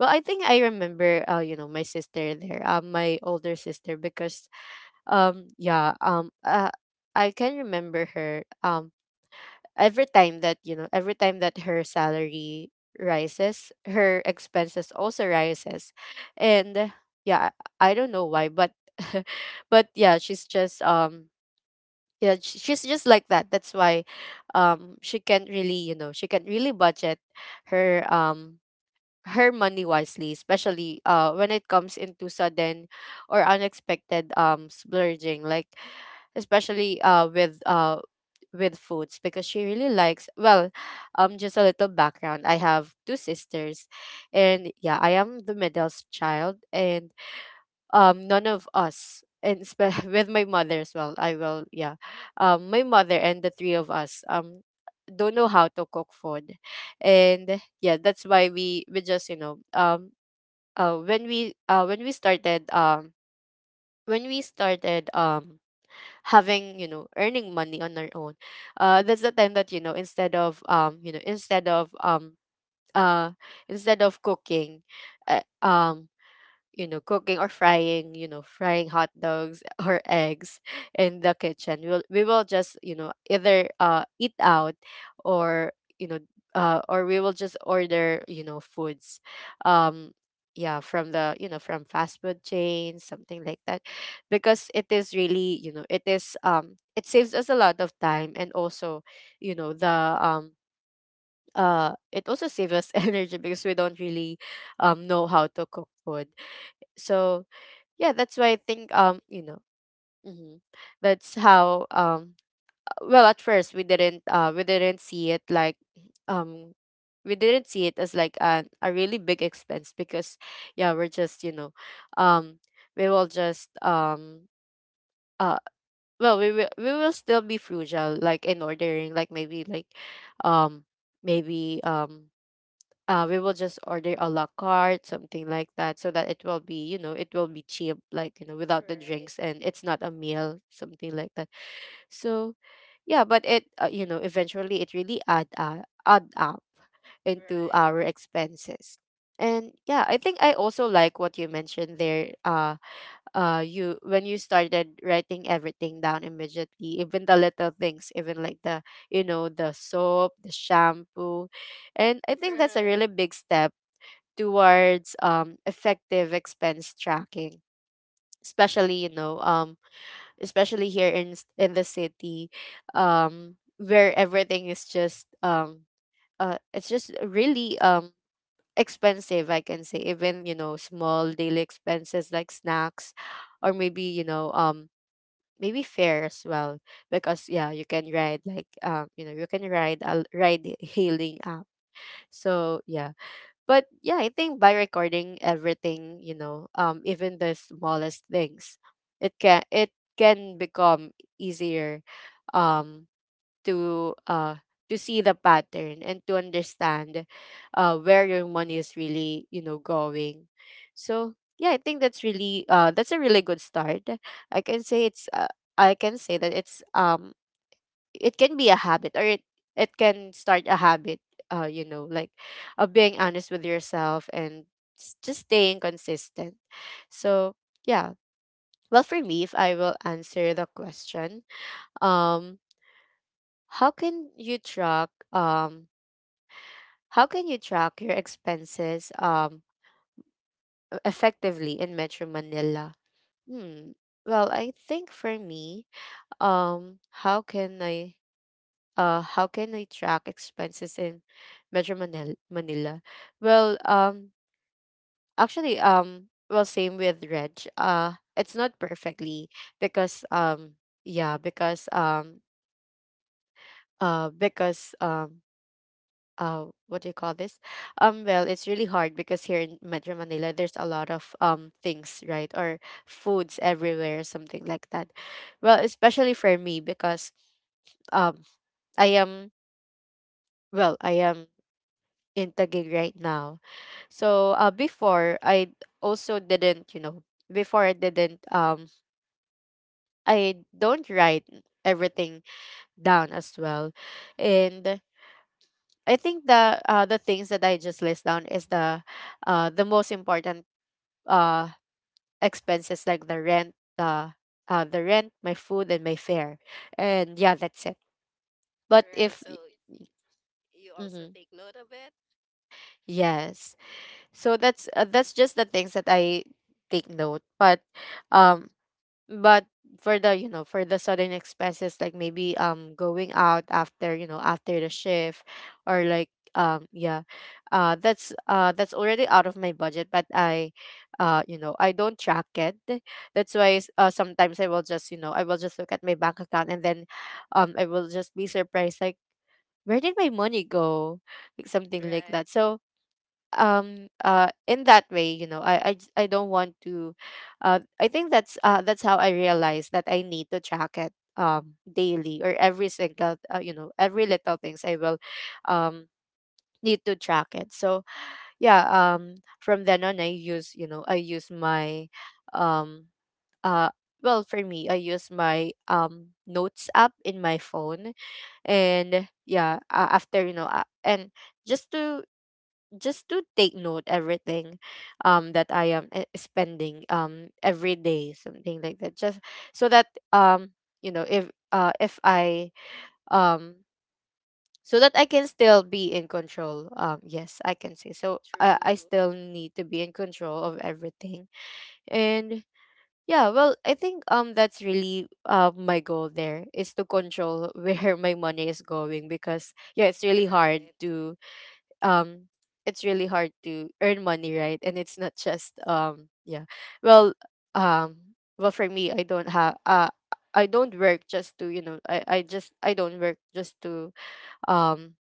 Well, I think I remember, my sister there, um, my older sister, because, yeah, I can remember her. Every time that, you know, every time that her salary rises, her expenses also rises. And yeah, I don't know why, but but yeah, she's just, um, yeah, sh- she's just like that. That's why, um, she can't really, you know, she can't really budget her, um, her money wisely, especially when it comes into sudden or unexpected, um, splurging, like especially with foods, because she really likes, well, um, just a little background, I have two sisters. And yeah, I am the middle child, and, um, none of us, and spe- with my mother as well, I will, yeah, um, my mother and the three of us, um, don't know how to cook food. And yeah, that's why we just, you know, um, when we started, um, when we started, um, having, you know, earning money on our own, that's the time that, you know, instead of, uh instead of cooking, uh, um you know, cooking or frying, you know, frying hot dogs or eggs in the kitchen. We'll, we will just, you know, either, eat out, or, you know, or we will just order, you know, foods. Um, yeah, from the, you know, from fast food chains, something like that. Because it is really, you know, it is, it saves us a lot of time, and also, you know, the, it also saves us energy, because we don't really, know how to cook food. So yeah, that's why I think hmm that's how well at first we didn't see it like um we didn't see it as like a really big expense because yeah, we're just, you know, um we will just uh well, we will still be frugal, like in ordering, like maybe, um maybe um we will just order a la carte, something like that, so that it will be, you know, it will be cheap, like, you know, without the
Right.
drinks and it's not a meal, something like that. So yeah, but it, you know, eventually it really add up
Right.
into our expenses. And yeah, I think I also like what you mentioned there. You, when you started writing everything down immediately, even the little things, even like the, you know, the soap, the shampoo, and I think
Right.
that's a really big step towards effective expense tracking, especially, you know, especially here in in the city, where everything is just it's just really expensive, I can say. Even, you know, small daily expenses like snacks, or maybe, you know, maybe fare as well, because yeah, you can ride like, you know, you can ride a ride hailing app. So yeah, but yeah, I think by recording everything, you know, even the smallest things, it can become easier, um to uh to see the pattern and to understand where your money is really, you know, going. So yeah, I think that's really that's a really good start. I can say it's I can say that it can be a habit, or it can start a habit, you know, like of being honest with yourself and just staying consistent. So yeah, well for me, if I will answer the question, um how can you track, how can you track your expenses effectively in Metro Manila? hmm well, I think for me, um how can I, how can I track expenses in Manila? Well, actually, well, same with Reg. It's not perfectly because, yeah, because, um, uh, because, um, what do you call this? Well, it's really hard because here in Metro Manila, there's a lot of things, right, or foods everywhere, something like that. Well, especially for me because, um, I am well, I am in Taguig right now. So before I also didn't, you know, before I didn't I don't write everything down as well. And I think the things that I just list down is the most important uh expenses like the rent, the rent, my food and my fare. And yeah, that's it.
Right.
But
So
if
you also take
mm-hmm.
note of it.
Yes. So that's just the things that I take note. Um but for the, you know, for the sudden expenses, like maybe going out after, you know, after the shift or like, um yeah that's already out of my budget, but I, you know, I don't track it. That's why sometimes I will just, you know, I will just look at my bank account and then, I will just be surprised like, where did my money go,
Mm,
like
right.
something like that. So in that way, you know, I don't want to I think that's how I realized that I need to track it daily, or every single, you know, every little things I will um need to track it. So yeah, from then on I use, you know, I use my um uh well, for me, I use my notes app in my phone. And yeah, after you know and just to, just to take note everything that I am spending every day, something like that, just so that um you know, if I, um so that I can still be in control. Um, yes, I can say. So
True.
I still need to be in control of everything. And yeah, well, I think that's really my goal there is to control where my money is going, because yeah, it's really
Right.
hard to um it's really hard to earn money, right? And it's not just yeah. Well, well, for me, I don't have I don't work just to, you know, I don't work just to um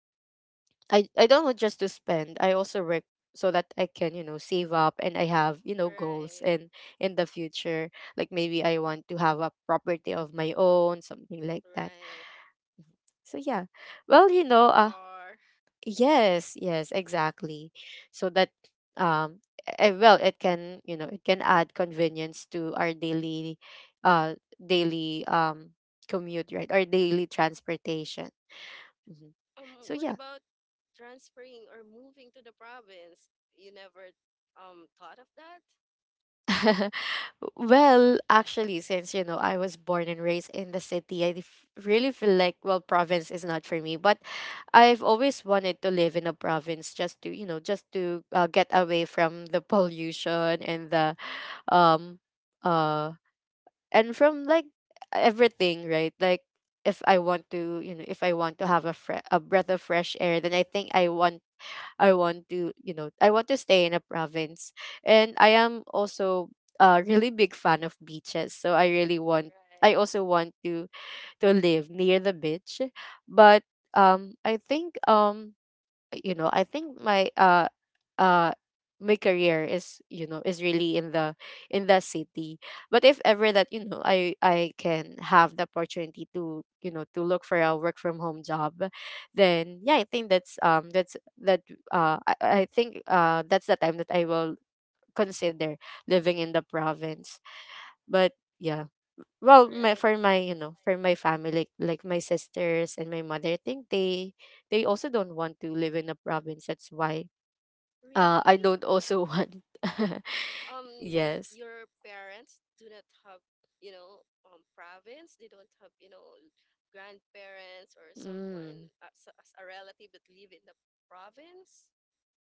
I don't want just to spend. I also work so that I can, you know, save up, and I have, you know,
Right.
goals and in the future, like maybe I want to have a property of my own, something like
Right.
that. So yeah,
Maybe a
well, you know,
car.
yes, yes, exactly. So that um well, it can, you know, it can add convenience to our daily uh daily commute, right? Our daily transportation. Mhm.
What
So
about
yeah.
transferring or moving to the province? You never thought of that,
Well, actually, since, you know, I was born and raised in the city, I really feel like, well, province is not for me, but I've always wanted to live in a province just to, you know, just to, get away from the pollution and the, um uh and from like everything, right? Like, if I want to, you know, if I want to have a a breath of fresh air, then I think I want, I want to, you know, I want to stay in a province. And I am also a really big fan of beaches, so I really want, I also want to live near the beach. But I think you know, I think my uh my career is, you know, is really in the, in the city. But if ever that, you know, I can have the opportunity to, you know, to look for a work from home job, then yeah, I think that's that, uh i, I think that's the time that I will consider living in the province. But yeah,
right?
well for my, you know, for my family, like my sisters and my mother, I think they also don't want to live in a province. That's why
Really?
I don't also want
um your
yes.
parents do not have, province? They don't have, grandparents or someone,
Mm.
as a relative that live in the province?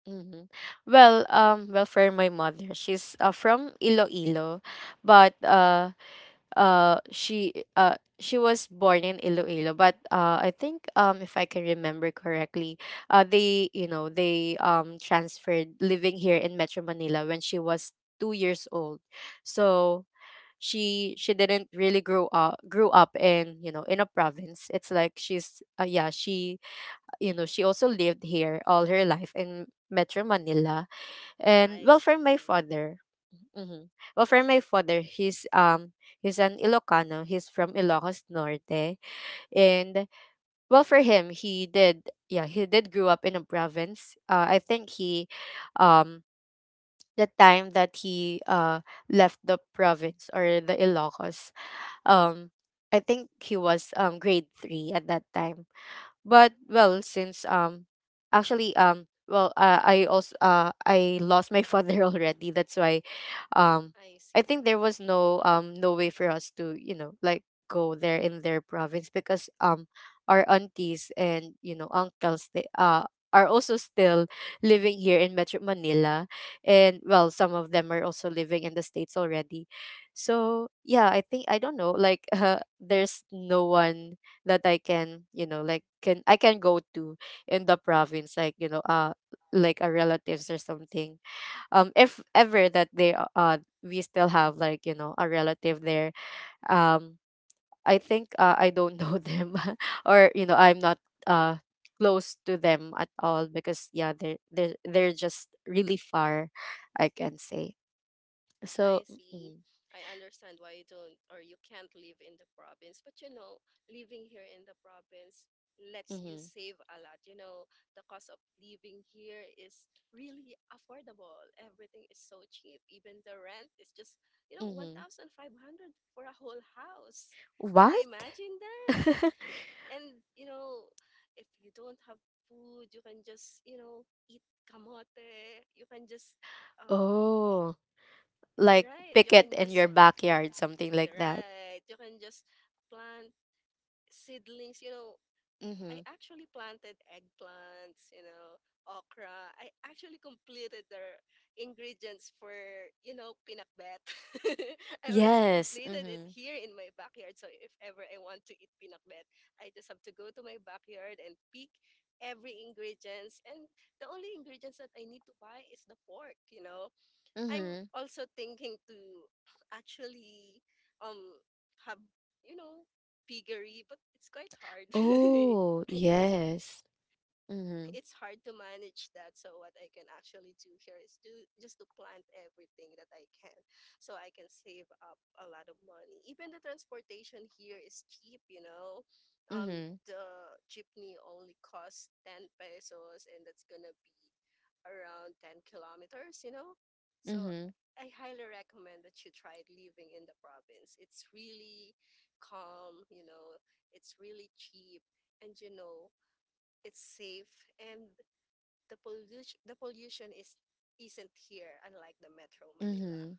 Mm-hmm. Well, well, for my mother, she's, from Iloilo, but she, she was born in Iloilo, but I think if I can remember correctly, they, you know, they transferred living here in Metro Manila when she was 2 years old. So she didn't really grow up grew up in, you know, in a province. It's like she's yeah, she, you know, she also lived here all her life in Metro Manila.
I
And well,
see.
for my father, mhm, well, for my father, he's an Ilocano. He's from Ilocos Norte. And well, for him, he did, yeah, he did grew up in a province. I think he, um, the time that he left the province or the Ilocos, um, I think he was grade 3 at that time. But well, since actually well, I lost my father already. That's why
I
um
see.
I think there was no no way for us to, you know, like go there in their province, because our aunties and, you know, uncles, they are also still living here in Metro Manila. And well, some of them are also living in the states already. So yeah, I think I don't know, like there's no one that I can, you know, like, can go to in the province, like, you know, like a relatives or something. If ever that they we still have, like, you know, a relative there. Um, I think I don't know them, or you know, I'm not uh close to them at all, because yeah, they're they're just really far, I can say.
I
So.
see.
Mm-hmm,
I understand why you don't or you can't live in the province. But living here in the province lets you save
mm-hmm,
a lot. The cost of living here is really affordable. Everything is so cheap. Even the rent is just,
mm-hmm.
1,500 for a whole house. Can you imagine
What?
that? And, if you don't have food, you can just, eat kamote. You can just, uh,
Oh.
right,
Like
you can just,
picket in your backyard,
you're
something like
right.
that.
You can just plant seedlings. I
Mm-hmm.
actually planted eggplants, okra. I actually completed the ingredients for, pinakbet. I already completed
Yes.
it. Nice. Here
Mm-hmm.
in my backyard. So if ever I want to eat pinakbet, I just have to go to my backyard and pick every ingredients, and the only ingredients that I need to buy is the pork, I'm also
Mm-hmm.
thinking to actually um have, you know piggery, but it's quite hard.
Oh,
it's
yes.
it's
Mm-hmm.
hard to manage that. So what I can actually do here is do just to plant everything that I can, so I can save up a lot of money. Even the transportation here is cheap,
Mm-hmm.
The jeepney only costs 10 pesos, and that's gonna be around 10 kilometers, So I
Mm-hmm.
highly recommend that you try living in the province. It's really calm, It's really cheap, and it's safe, and the pollution is isn't here, unlike the Metro Manila.
Mm-hmm.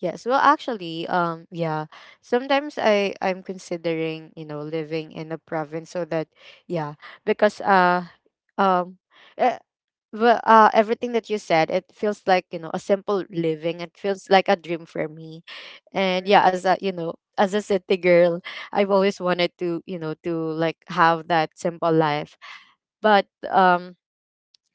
Yes. Well, actually, yeah. Sometimes I, I'm considering, you know, living in a province so that, yeah, because um. uh, well, everything that you said, it feels like, you know, a simple living. It feels like a dream for me,
Right.
and yeah, as a, you know, as a city girl, I've always wanted to, you know, to like have that simple life. But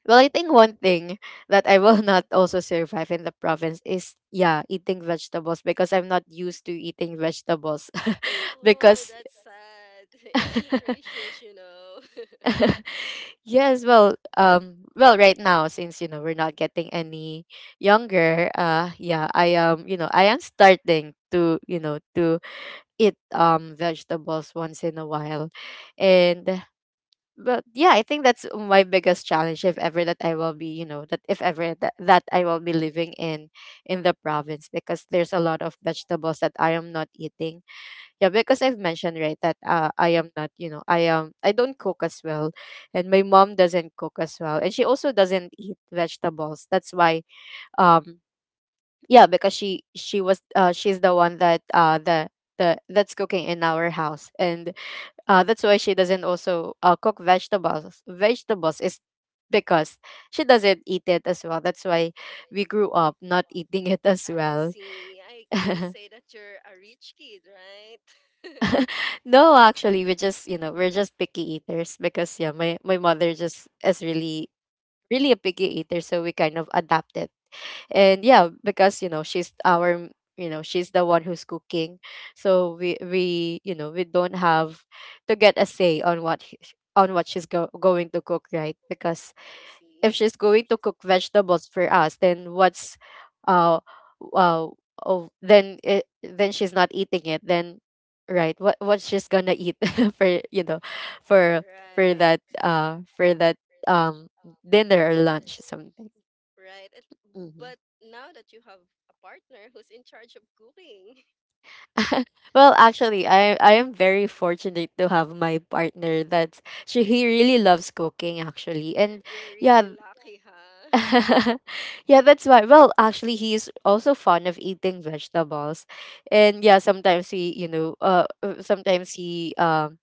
I think one thing that I will not also survive in the province is yeah eating vegetables because I'm not used to eating vegetables
Oh, that's
because
sad. It's nutritious you know
yes, well, right now since you know we're not getting any younger, yeah, I am, you know, I am starting to, you know, to eat vegetables once in a while, and but yeah, I think that's my biggest challenge if ever that I will be, you know, that if ever that I will be living in the province because there's a lot of vegetables that I am not eating. Yeah, because I've mentioned, right, that I am not, you know, I am I don't cook as well, and my mom doesn't cook as well, and she also doesn't eat vegetables. That's why, um, yeah, because she was she's the one that the that's cooking in our house, and that's why she doesn't also cook vegetables. Vegetables is because she doesn't eat it as well. That's why we grew up not eating it
I
as well.
see. I can say that you're a rich kid, right?
No, actually, we just, you know, we're just picky eaters because yeah, my mother just is really really a picky eater, so we kind of adapted. And yeah, because you know, she's our you know, she's the one who's cooking. So we don't have to get a say on what he- on what she's go- going to cook, right?
I
Because
see.
if she's going to cook vegetables for us then what's uh uh oh then she's not eating it then, right, what she's gonna eat for you know for
Right.
for that um dinner or lunch something.
Right. But
Hmm.
now that you have a partner who's in charge of cooking.
Well, actually, I am very fortunate to have my partner that she he really loves cooking actually.
You're
And
really
yeah.
lucky, huh?
Yeah, that's why. Well, actually, he's also fond of eating vegetables, and yeah, sometimes sometimes he, um,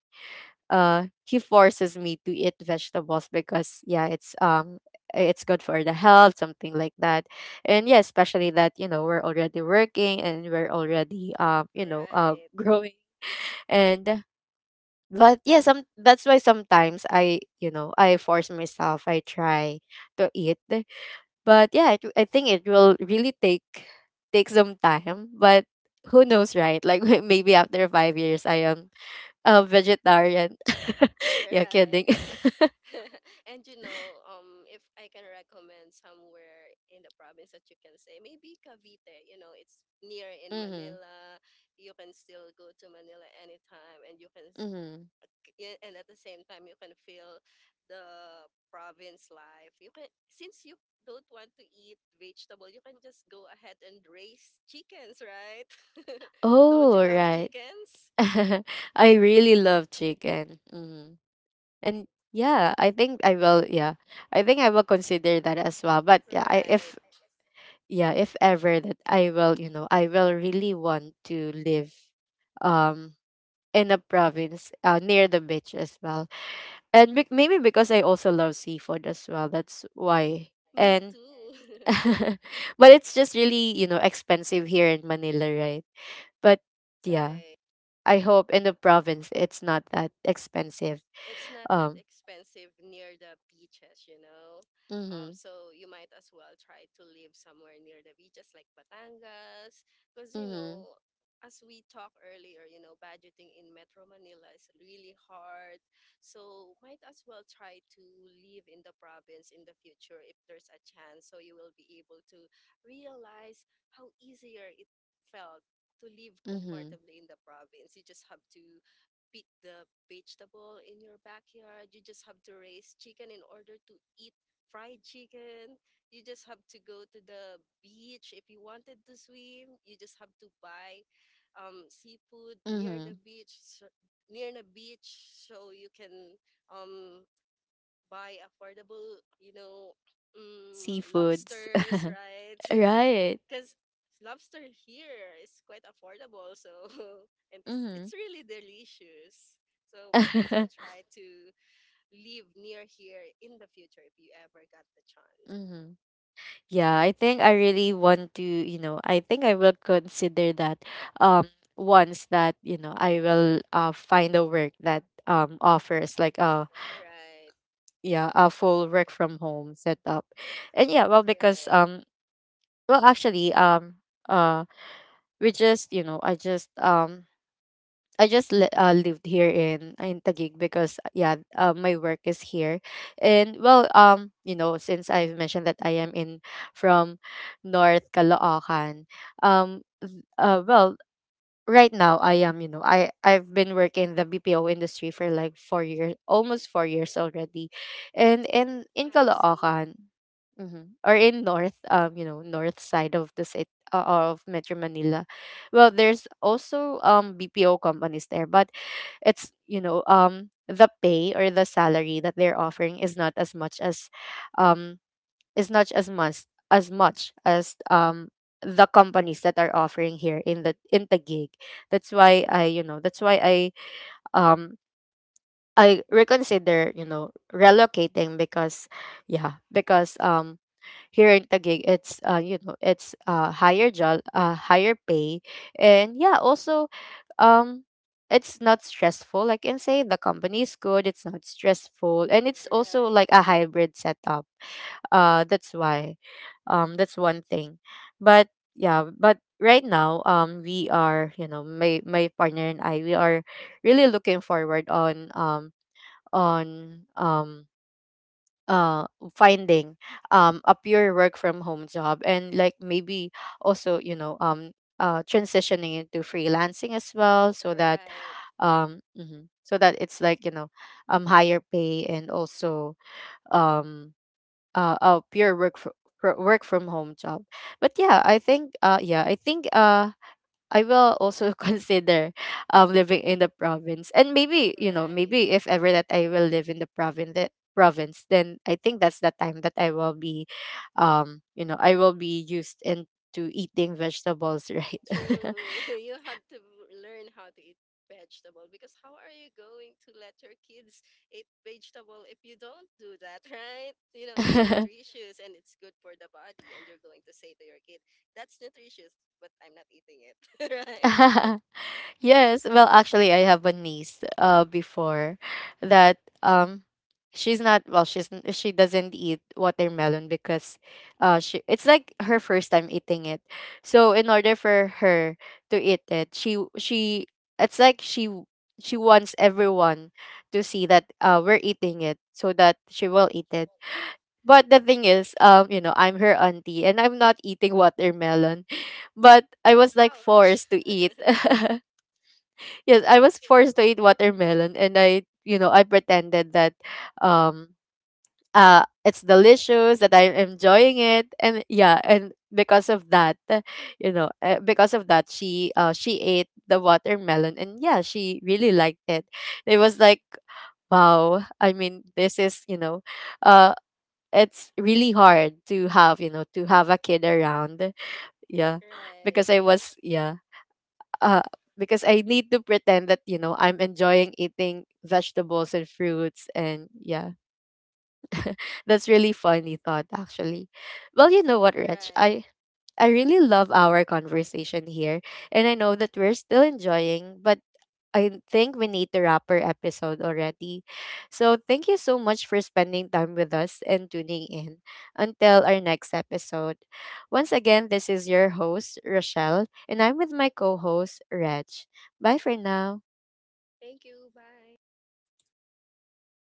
uh, he forces me to eat vegetables because yeah, it's good for the health, something like that, and yeah, especially that you know we're already working and we're already
Right.
growing and. But yeah, some that's why sometimes I, you know, I force myself. I try to eat. But yeah, it, I think it will really take take some time. But who knows, right? Like maybe after 5 years, I am a vegetarian.
Right.
Yeah, kidding.
And if I can recommend somewhere in the province that you can say, maybe Cavite, it's near in Manila.
Mm-hmm.
You can still go to Manila anytime, and you can,
Mm-hmm.
and at the same time, you can feel the province life. You can, since you don't want to eat vegetable, you can just go ahead and raise chickens, right? Don't you love
Oh, right.
chickens?
I really love chicken. Mm-hmm. And yeah, I think I will. Yeah, I think I will consider that as well. But yeah,
Right.
I, if yeah, if ever that I will, you know, I will really want to live um in a province near the beach as well. And bec- maybe because I also love seafood as well, that's why.
Me too.
And but it's just really, you know, expensive here in Manila, right? But
Right.
yeah, I hope in the province it's not that expensive.
It's not that
Um,
expensive near the beaches, So
mhm,
you might as well try to live somewhere near the beaches like Batangas, because
mhm,
as we talked earlier, budgeting in Metro Manila is really hard. So might as well try to live in the province in the future if there's a chance, so you will be able to realize how easier it felt to live comfortably in the
mhm,
province. You just have to pick the vegetable in your backyard. You just have to raise chicken in order to eat fried chicken. You just have to go to the beach if you wanted to swim. You just have to buy, seafood near the beach,
mhm.
so, you can, um, buy affordable, um, lobsters,
Seafoods,
right? Because
right?
lobster here is quite affordable, so and it's really
Mhm,
delicious. So might as well try
mhm.
to live near here in the future if you ever got the chance.
Yeah, I think I really want to, you know, I think I will consider that um once that, you know, I will find a work that offers like a
Right.
yeah, a full work from home setup. And yeah, well
Right.
because well actually uh we just, you know, I just li- lived here in Taguig because yeah, my work is here, and you know, since I've mentioned that I am in from North Caloocan, um, well, right now I am, you know, I've been working in the BPO industry for like 4 years, almost 4 years already, and
I
in
see.
Caloocan, hmm, or in North, North side of the city, of Metro Manila, well, there's also BPO companies there, but it's you know the pay or the salary that they're offering is not as much as um is not as much as much as the companies that are offering here in the gig. That's why um I reconsider, you know, relocating because yeah, because here in Taguig, it's you know, it's higher job, higher pay, and yeah, also, um, it's not stressful. I can say the company is good. It's not stressful, and it's
Right.
also like a hybrid setup. That's why, that's one thing, but yeah, but right now, we are, you know, my partner and I, we are really looking forward on uh finding a pure work from home job, and like maybe also you know transitioning into freelancing as well, so
Right.
that mhm, so that it's like you know higher pay and also um a pure work fro- fro- work from home job. But yeah I think I will also consider living in the province. And maybe,
Right.
you know, maybe if ever that I will live in the province, then I think that's the time that I will be you know, I will be used into eating vegetables, right?
True. You have to learn how to eat vegetable because how are you going to let your kids eat vegetable if you don't do that, right? It's nutritious and it's good for the body, and you're going to say to your kid, "That's nutritious, but I'm not eating it." Right?
Yes, well, actually, I have a niece before that um she's not well she's n- she doesn't eat watermelon because she it's like her first time eating it. So in order for her to eat it, she it's like she w- she wants everyone to see that we're eating it so that she will eat it. But the thing is, you know, I'm her auntie and I'm not eating watermelon. But I was
Ouch.
like forced to eat. Yes, I was forced to eat watermelon, and I, you know, I pretended that um it's delicious, that I'm enjoying it. And yeah, and because of that, because of that she she ate the watermelon, and yeah, she really liked it. It was like wow, I mean, this is, you know, uh it's really hard to have, you know, to have a kid around. Yeah,
Right.
because I was yeah, uh, because I need to pretend that you know I'm enjoying eating vegetables and fruits, and yeah, that's really funny thought actually. Well, you know what,
Right.
Rich, I really love our conversation here, and I know that we're still enjoying, but I think we need to wrap our episode already. So thank you so much for spending time with us and tuning in. Until our next episode. Once again, this is your host, Rochelle, and I'm with my co host, Reg. Bye for now.
Thank you. Bye.